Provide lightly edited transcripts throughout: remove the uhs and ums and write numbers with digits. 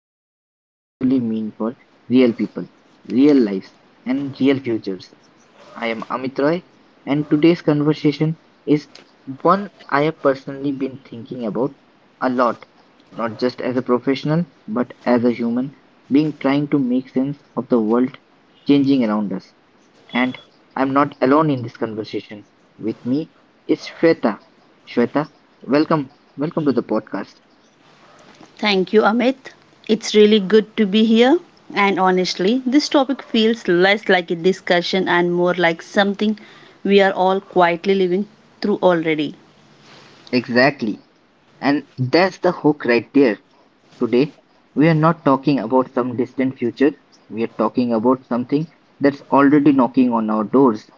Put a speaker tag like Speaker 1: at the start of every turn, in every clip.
Speaker 1: about what they actually mean for real people, real lives, and real futures. I am Amit Roy, and today's conversation is one I have personally been thinking about a lot, not just as a professional, but as a human being trying to make sense of the world changing around us. And I'm not alone in this conversation. With me is Shweta. Shweta, welcome. Welcome to the podcast.
Speaker 2: Thank you, Amit. It's really good to be here. And honestly, this topic feels less like a discussion and more like something we are all quietly living through already.
Speaker 1: Exactly. And that's the hook right there. Today, we're not talking about some distant future, we're talking about something that's already knocking on our doors,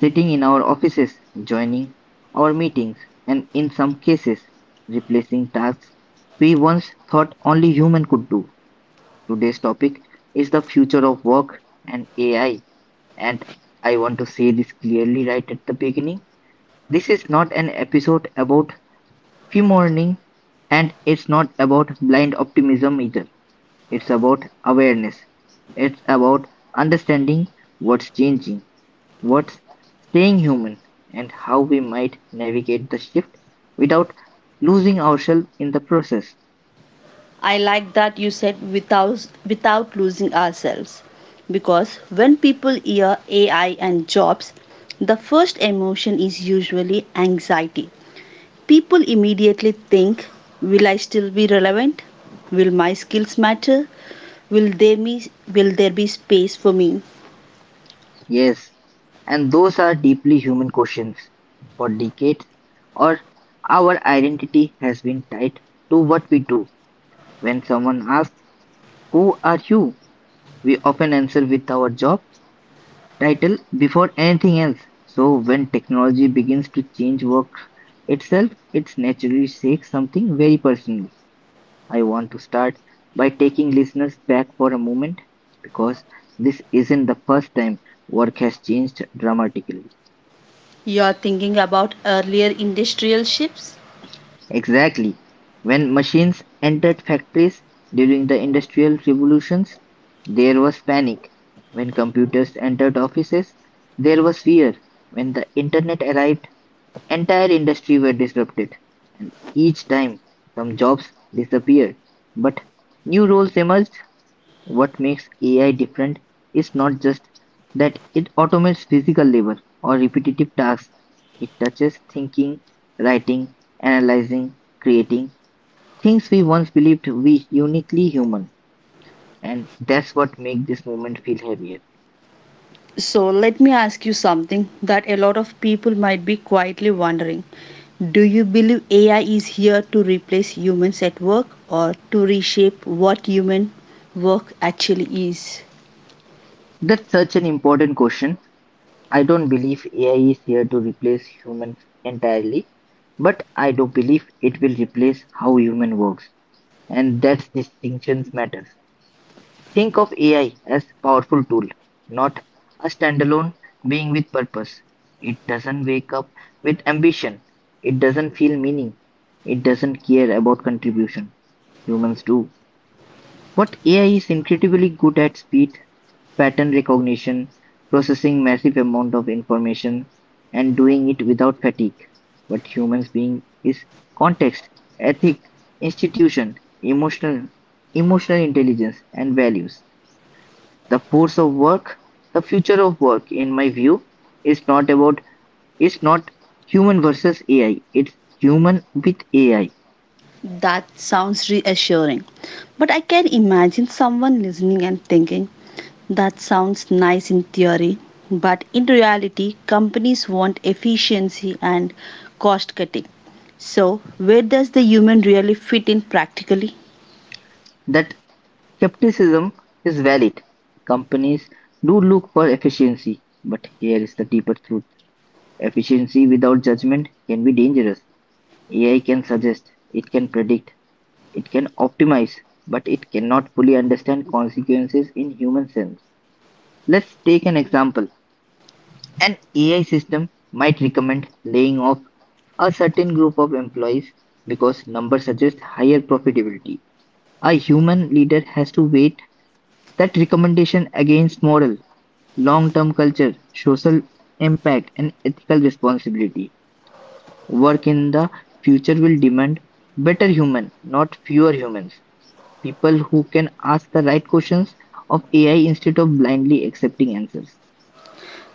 Speaker 1: sitting in our offices, joining our meetings, and in some cases, replacing tasks we once thought only human could do. Today's topic is the future of work and AI, and I want to say this clearly right at the beginning. This is not an episode about fear morning, and it's not about blind optimism either. It's about awareness. It's about understanding what's changing, what's staying human, and how we might navigate the shift without losing ourselves in the process.
Speaker 2: I like that you said without losing ourselves. Because when people hear AI and jobs, the first emotion is usually anxiety. People immediately think will I still be relevant? Will my skills matter? Will there be, will there be space for me?
Speaker 1: Yes, and those are deeply human questions. For decades, or our identity has been tied to what we do. When someone asks, "Who are you?" we often answer with our job title before anything else. So, when technology begins to change work itself, its naturally says something very personal. I want to start by taking listeners back for a moment because this isn't the first time work has changed dramatically.
Speaker 2: You are thinking about earlier industrial shifts?
Speaker 1: Exactly. When machines entered factories during the industrial revolutions, there was panic. When computers entered offices, there was fear. When the internet arrived, entire industry were disrupted, and each time some jobs disappeared, but new roles emerged. What makes AI different is not just that it automates physical labor or repetitive tasks. It touches thinking, writing, analyzing, creating things we once believed we uniquely human, and that's what makes this moment feel heavier.
Speaker 2: So let me ask you something that a lot of people might be quietly wondering. Do you believe AI is here to replace humans at work or to reshape what human work actually is?
Speaker 1: That's such an important question. I don't believe AI is here to replace humans entirely, but I do believe it will replace how human works, and that distinctions matters. Think of AI as a powerful tool, not a standalone being with purpose. It doesn't wake up with ambition. It doesn't feel meaning. It doesn't care about contribution. Humans do. What AI is incredibly good at speed, pattern recognition, processing massive amount of information, and doing it without fatigue. What humans being is context, ethic, institution, emotional, emotional intelligence, and values. The force of work, the future of work, in my view, is not human versus AI. It's human with AI.
Speaker 2: That sounds reassuring. But I can imagine someone listening and thinking, that sounds nice in theory, but in reality, companies want efficiency and cost cutting. So, where does the human really fit in practically?
Speaker 1: That skepticism is valid. Companies do look for efficiency, but here is the deeper truth. Efficiency without judgment can be dangerous. AI can suggest, it can predict, it can optimize, but it cannot fully understand consequences in human sense. Let's take an example. An AI system might recommend laying off a certain group of employees because numbers suggest higher profitability. A human leader has to weigh that recommendation against moral, long term culture, social impact, and ethical responsibility. Work in the future will demand better humans, not fewer humans, people who can ask the right questions of AI instead of blindly accepting answers.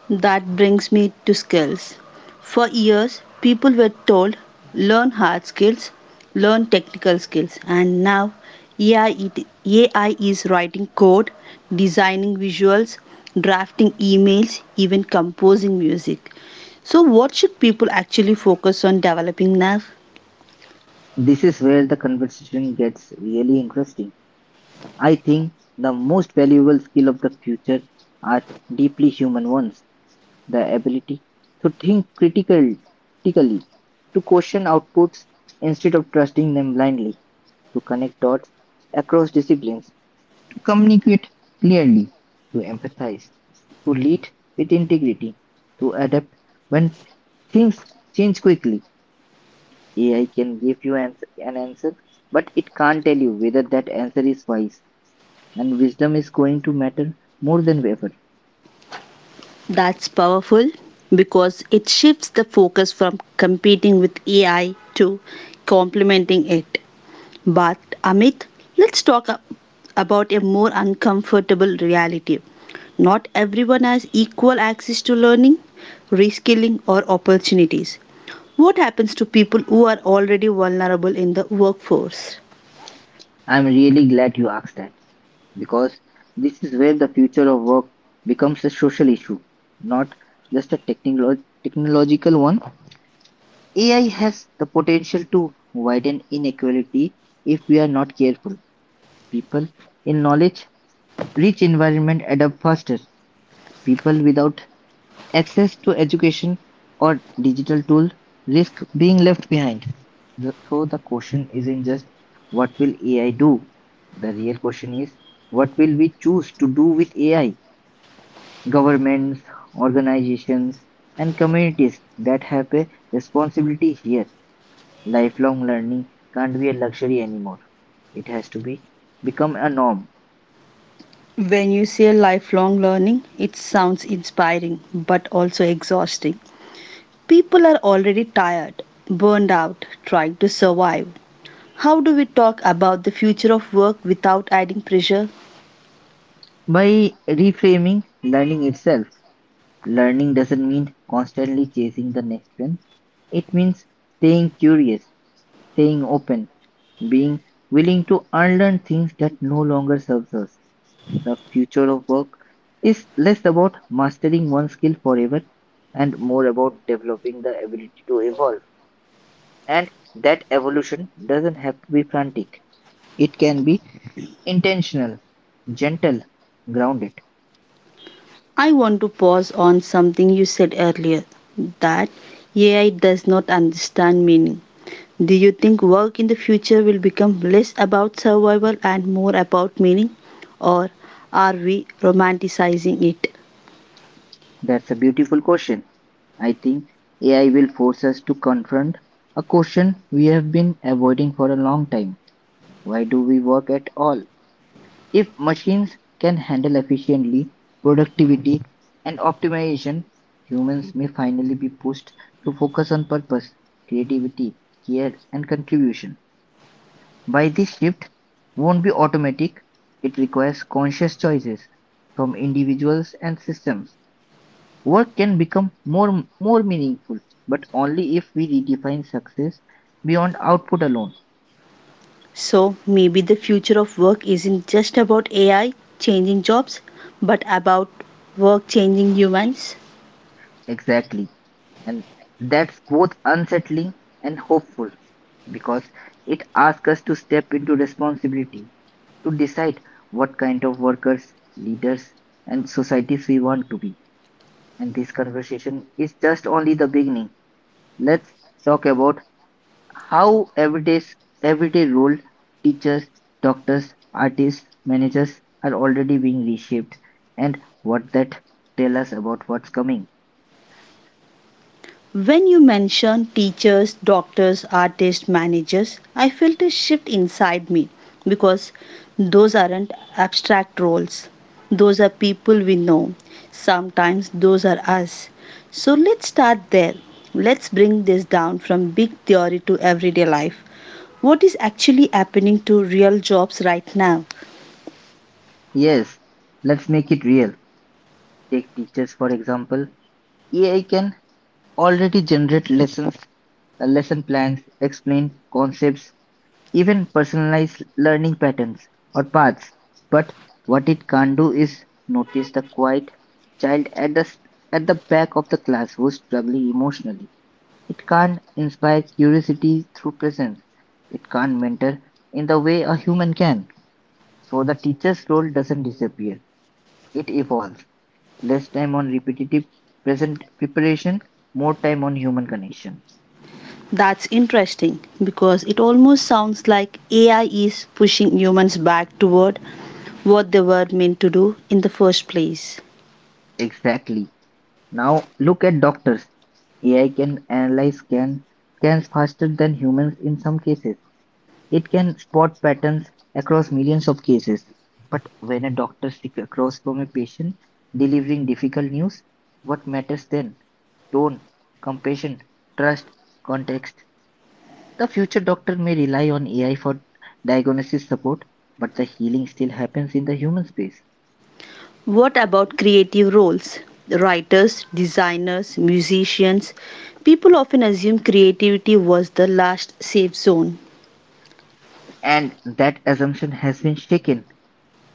Speaker 2: That brings me to skills. For years, people were told learn hard skills, learn technical skills, and now AI is writing code, designing visuals, drafting emails, even composing music. So, what should people actually focus on developing now?
Speaker 1: This is where the conversation gets really interesting. I think the most valuable skill of the future are deeply human ones, the ability to think critically, to question outputs instead of trusting them blindly, to connect dots across disciplines, communicate clearly, to empathize, to lead with integrity, to adapt when things change quickly. AI can give you an answer, but it can't tell you whether that answer is wise, and wisdom is going to matter more than ever.
Speaker 2: That's powerful because it shifts the focus from competing with AI to complementing it. But Amit, let's talk a- about a more uncomfortable reality. Not everyone has equal access to learning, reskilling, or opportunities. What happens to people who are already vulnerable in the workforce?
Speaker 1: I'm really glad you asked that because this is where the future of work becomes a social issue, not just a technological one. AI has the potential to widen inequality if we are not careful. People in knowledge rich environment adapt faster. People without access to education or digital tool risk being left behind. So the question isn't just what will AI do? The real question is what will we choose to do with AI? Governments, organizations, and communities that have a responsibility here. Lifelong learning can't be a luxury anymore. It has to be become a norm.
Speaker 2: When you say lifelong learning, it sounds inspiring but also exhausting. People are already tired, burned out, trying to survive. How do we talk about the future of work without adding pressure?
Speaker 1: By reframing learning itself, learning doesn't mean constantly chasing the next trend. It means staying curious, staying open, being willing to unlearn things that no longer serves us. The future of work is less about mastering one skill forever and more about developing the ability to evolve. And that evolution doesn't have to be frantic. It can be intentional, gentle, grounded.
Speaker 2: I want to pause on something you said earlier that AI does not understand meaning. Do you think work in the future will become less about survival and more about meaning? Or are we romanticizing it?
Speaker 1: That's a beautiful question. I think AI will force us to confront a question we have been avoiding for a long time. Why do we work at all? If machines can handle efficiently productivity and optimization, humans may finally be pushed to focus on purpose, creativity, care, and contribution. By this shift won't be automatic, it requires conscious choices from individuals and systems. Work can become more meaningful, but only if we redefine success beyond output alone.
Speaker 2: So maybe the future of work isn't just about AI changing jobs, but about work changing humans.
Speaker 1: Exactly. And that's both unsettling and hopeful because it asks us to step into responsibility, to decide what kind of workers, leaders, and societies we want to be. And this conversation is just only the beginning. Let's talk about how everyday role, teachers, doctors, artists, managers are already being reshaped and what that tell us about what's coming.
Speaker 2: When you mention teachers, doctors, artists, managers, I felt a shift inside me because those aren't abstract roles. Those are people we know. Sometimes those are us. So let's start there. Let's bring this down from big theory to everyday life. What is actually happening to real jobs right now?
Speaker 1: Yes, let's make it real. Take teachers for example. AI can already generate lessons, lesson plans, explain concepts even personalized learning patterns or paths. But what it can't do is notice the quiet child at the back of the class who's struggling emotionally. It can't inspire curiosity through presence. It can't mentor in the way a human can. So the teacher's role doesn't disappear. It evolves. Less time on repetitive present preparation, more time on human connection.
Speaker 2: That's interesting because it almost sounds like AI is pushing humans back toward what they were meant to do in the first place.
Speaker 1: Exactly. Now look at doctors. AI can scans faster than humans in some cases. It can spot patterns across millions of cases. But when a doctor sits across from a patient delivering difficult news, what matters then? Tone, compassion, trust, context. The future doctor may rely on AI for diagnosis support, but the healing still happens in the human space.
Speaker 2: What about creative roles? Writers, designers, musicians. People often assume creativity was the last safe zone.
Speaker 1: And that assumption has been shaken.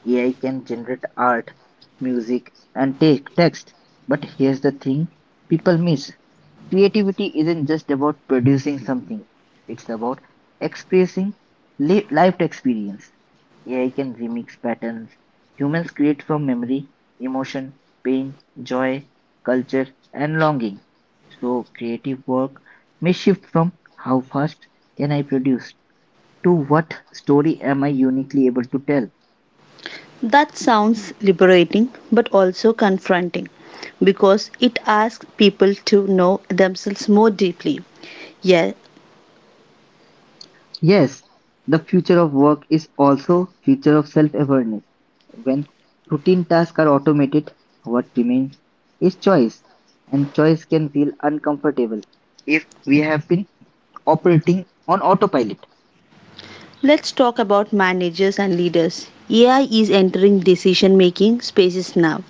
Speaker 1: AI can generate art, music, and take text. But here's the thing people miss. Creativity isn't just about producing something, it's about expressing lived experience. AI can remix patterns. Humans create from memory, emotion, pain, joy, culture, and longing. So, creative work may shift from how fast can I produce to what story am I uniquely able to tell.
Speaker 2: That sounds liberating but also confronting because it asks people to know themselves more deeply. Yeah.
Speaker 1: Yes, the future of work is also future of self-awareness. When routine tasks are automated, what remains is choice, and choice can feel uncomfortable if we have been operating on autopilot.
Speaker 2: Let's talk about managers and leaders. AI is entering decision making spaces now.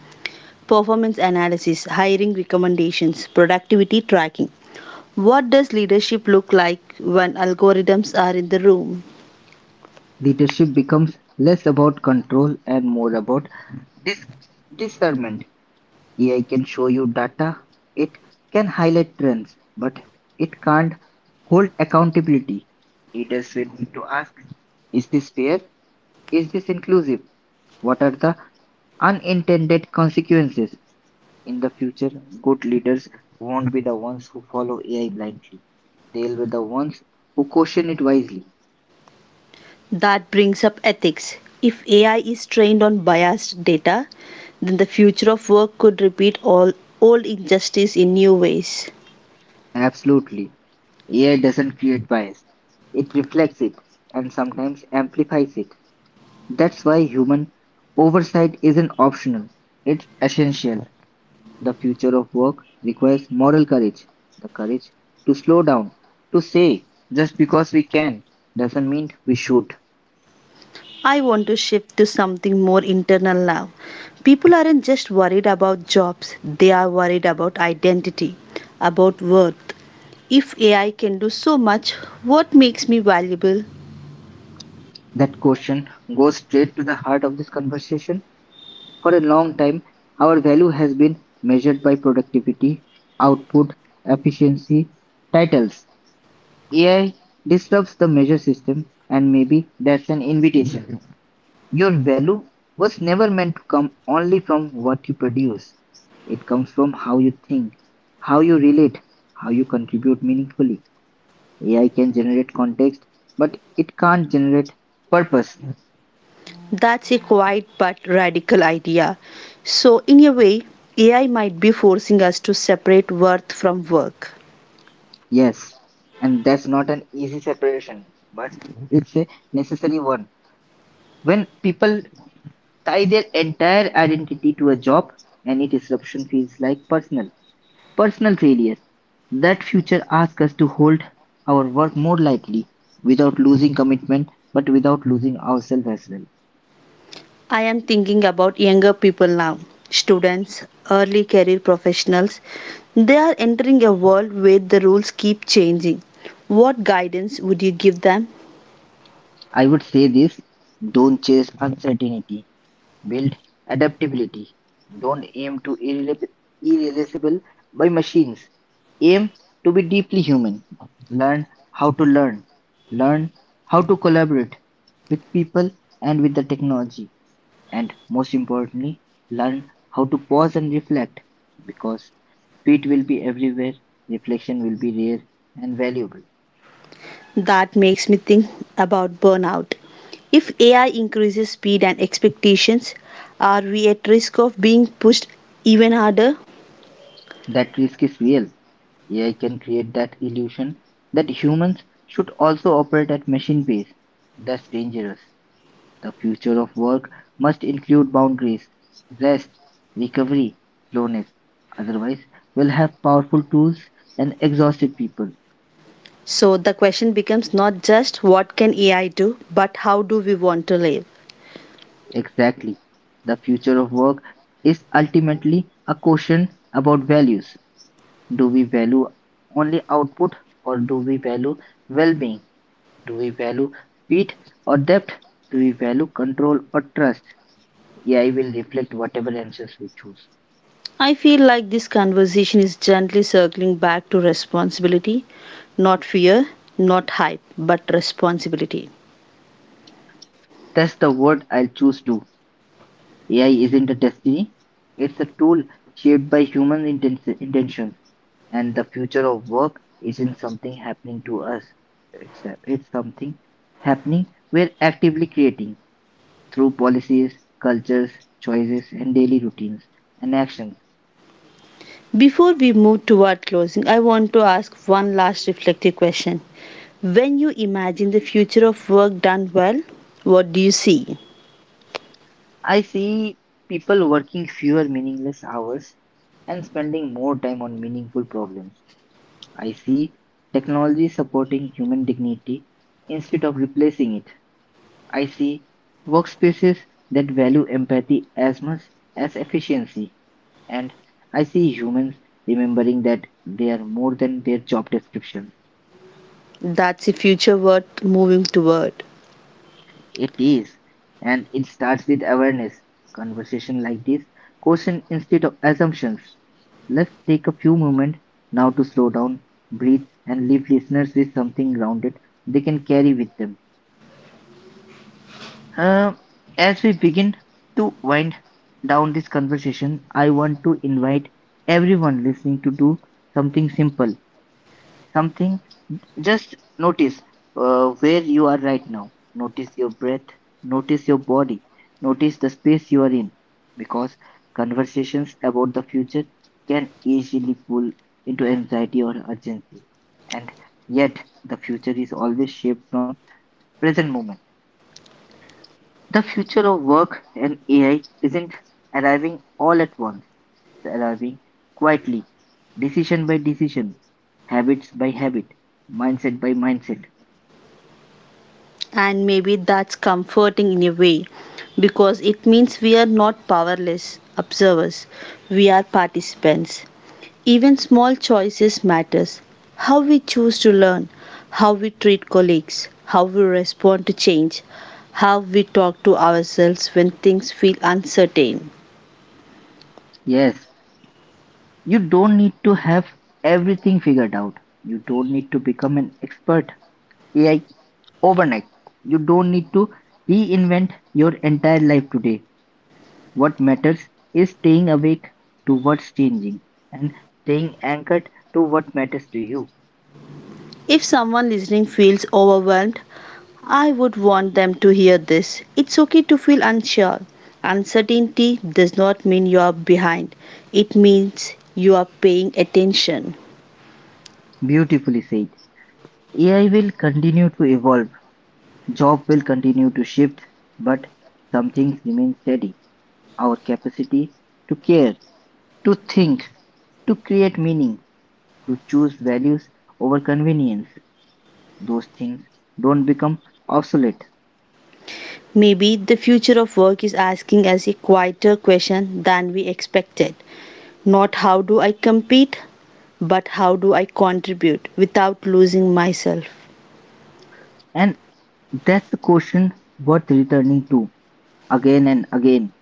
Speaker 2: Performance analysis, hiring recommendations, productivity tracking. What does leadership look like when algorithms are in the room?
Speaker 1: Leadership becomes less about control and more about dis- discernment. AI can show you data, it can highlight trends, but it can't hold accountability. Leaders will need to ask, is this fair? Is this inclusive? What are the unintended consequences? In the future, good leaders won't be the ones who follow AI blindly. They'll be the ones who question it wisely.
Speaker 2: That brings up ethics. If AI is trained on biased data, then the future of work could repeat all old injustice in new ways.
Speaker 1: Absolutely. AI doesn't create bias, it reflects it and sometimes amplifies it. That's why human oversight isn't optional, it's essential. The future of work requires moral courage, the courage to slow down, to say, just because we can doesn't mean we should.
Speaker 2: I want to shift to something more internal now. People aren't just worried about jobs, they are worried about identity, about worth. If AI can do so much, what makes me valuable?
Speaker 1: That question goes straight to the heart of this conversation. For a long time, our value has been measured by productivity, output, efficiency, titles. AI disrupts the measure system, and maybe that's an invitation. Your value was never meant to come only from what you produce. It comes from how you think, how you relate, how you contribute meaningfully. AI can generate context, but it can't generate purpose.
Speaker 2: That's a quiet but radical idea. So, in a way, AI might be forcing us to separate worth from work.
Speaker 1: Yes, and that's not an easy separation, but it's a necessary one. When people tie their entire identity to a job, any disruption feels like personal failure. That future asks us to hold our work more lightly without losing commitment but without losing ourselves as well.
Speaker 2: I am thinking about younger people now students, early career professionals. They are entering a world where the rules keep changing. What guidance would you give them?
Speaker 1: I would say this, don't chase uncertainty, build adaptability. Don't aim to irreplaceable by machines. Aim to be deeply human. Learn how to learn. Learn how to collaborate with people and with the technology, and most importantly, learn how to pause and reflect because speed will be everywhere, reflection will be rare and valuable.
Speaker 2: That makes me think about burnout. If AI increases speed and expectations, are we at risk of being pushed even harder?
Speaker 1: That risk is real. AI can create that illusion that humans should also operate at machine pace. That's dangerous. The future of work must include boundaries, rest, recovery, slowness. Otherwise, we'll have powerful tools and exhausted people.
Speaker 2: So the question becomes not just what can AI do, but how do we want to live?
Speaker 1: Exactly. The future of work is ultimately a question about values. Do we value only output or do we value well being? Do we value speed or depth? Do we value control or trust? AI will reflect whatever answers we choose.
Speaker 2: I feel like this conversation is gently circling back to responsibility, not fear, not hype, but responsibility.
Speaker 1: That's the word I'll choose too. AI isn't a destiny, it's a tool shaped by human intentions. And the future of work isn't something happening to us, it's something happening we're actively creating through policies, cultures, choices, and daily routines and actions.
Speaker 2: Before we move toward closing, I want to ask one last reflective question. When you imagine the future of work done well, what do you see?
Speaker 1: I see people working fewer meaningless hours and spending more time on meaningful problems. I see technology supporting human dignity instead of replacing it. I see workspaces that value empathy as much as efficiency. And I see humans remembering that they are more than their job descriptions.
Speaker 2: That's a future worth moving toward.
Speaker 1: It is. And it starts with awareness. Conversation like this, question instead of assumptions. Let's take a few moments now to slow down, breathe, and leave listeners with something grounded they can carry with them. Um, as we begin to wind down this conversation, I want to invite everyone listening to do something simple, something just notice where you are right now. Notice your breath, notice your body, notice the space you are in, because conversations about the future can easily pull into anxiety or urgency. And yet, the future is always shaped from present moment. The future of work and AI isn't arriving all at once, it's arriving quietly, decision by decision, habits by habit, mindset by mindset.
Speaker 2: And maybe that's comforting in a way because it means we are not powerless observers, we are participants. Even small choices matters. How we choose to learn, how we treat colleagues, how we respond to change, how we talk to ourselves when things feel uncertain.
Speaker 1: Yes, you don't need to have everything figured out. You don't need to become an expert AI overnight. You don't need to reinvent your entire life today. What matters is staying awake to what's changing and staying anchored to what matters to you.
Speaker 2: If someone listening feels overwhelmed, I would want them to hear this. It's okay to feel unsure. Uncertainty does not mean you are behind. It means you are paying attention.
Speaker 1: Beautifully said. AI will continue to evolve, job will continue to shift, but some things remain steady. Our capacity to care, to think, to create meaning, to choose values over convenience, those things don't become obsolete.
Speaker 2: Maybe the future of work is asking us a quieter question than we expected. Not how do I compete, but how do I contribute without losing myself.
Speaker 1: And that's the question worth returning to again and again.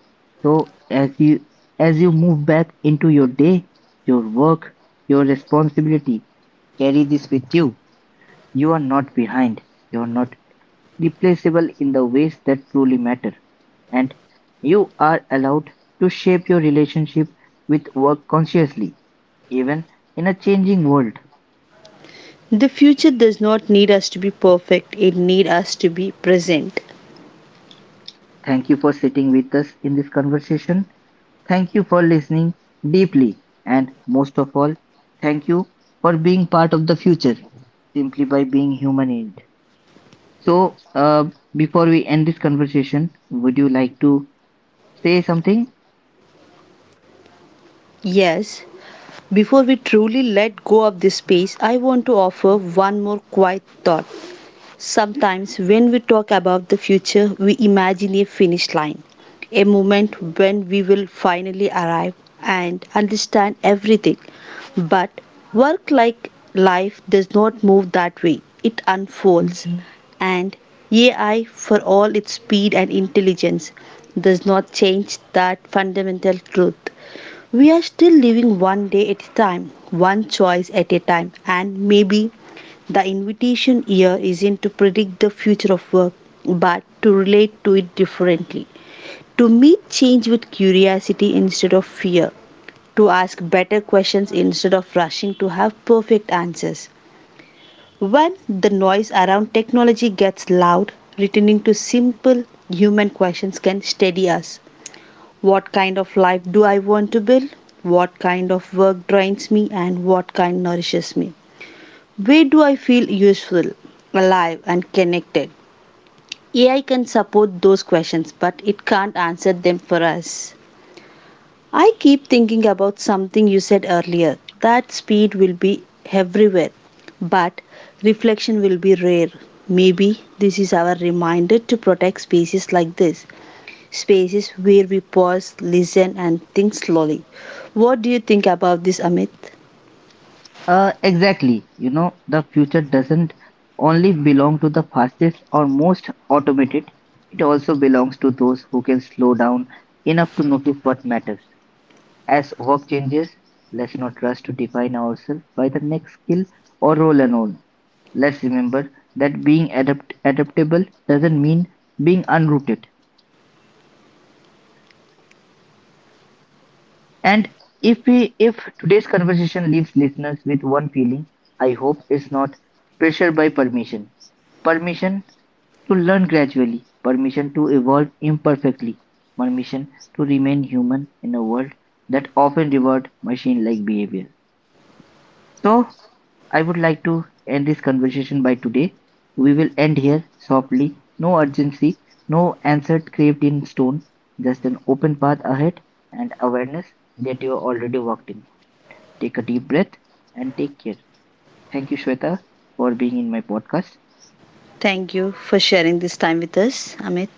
Speaker 1: So as you move back into your day, your work, your responsibility, carry this with you. You are not behind. You are not replaceable in the ways that truly matter, and you are allowed to shape your relationship with work consciously, even in a changing world.
Speaker 2: The future does not need us to be perfect, it needs us to be present.
Speaker 1: Thank you for sitting with us in this conversation. Thank you for listening deeply, and most of all, thank you for being part of the future simply by being human in it. So, before we end this conversation, would you like to say something?
Speaker 2: Yes, before we truly let go of this space, I want to offer one more quiet thought. Sometimes, when we talk about the future, we imagine a finish line, a moment when we will finally arrive and understand everything. But work like life does not move that way, it unfolds. Mhm. And AI, for all its speed and intelligence, does not change that fundamental truth. We are still living one day at a time, one choice at a time, and maybe the invitation here isn't to predict the future of work, but to relate to it differently. To meet change with curiosity instead of fear, to ask better questions instead of rushing to have perfect answers. When the noise around technology gets loud, returning to simple human questions can steady us. What kind of life do I want to build? What kind of work drains me and what kind nourishes me? Where do I feel useful, alive, and connected? AI can support those questions, but it can't answer them for us. I keep thinking about something you said earlier that speed will be everywhere, but reflection will be rare. Maybe this is our reminder to protect spaces like this spaces where we pause, listen, and think slowly. What do you think about this, Amit?
Speaker 1: Exactly. You know, the future doesn't only belong to the fastest or most automated, it also belongs to those who can slow down enough to notice what matters. As work changes, let's not rush to define ourselves by the next skill or role alone. Let's remember that being adaptable doesn't mean being unrooted. And if today's conversation leaves listeners with one feeling, I hope it's not pressure by permission permission to learn gradually, permission to evolve imperfectly, permission to remain human in a world that often rewards machine-like behavior. So, I would like to end this conversation by today. We will end here softly, no urgency, no answer craved in stone, just an open path ahead and awareness that you are already walked in. Take a deep breath and take care. Thank you, Shweta, for being in my podcast.
Speaker 2: Thank you for sharing this time with us, Amit.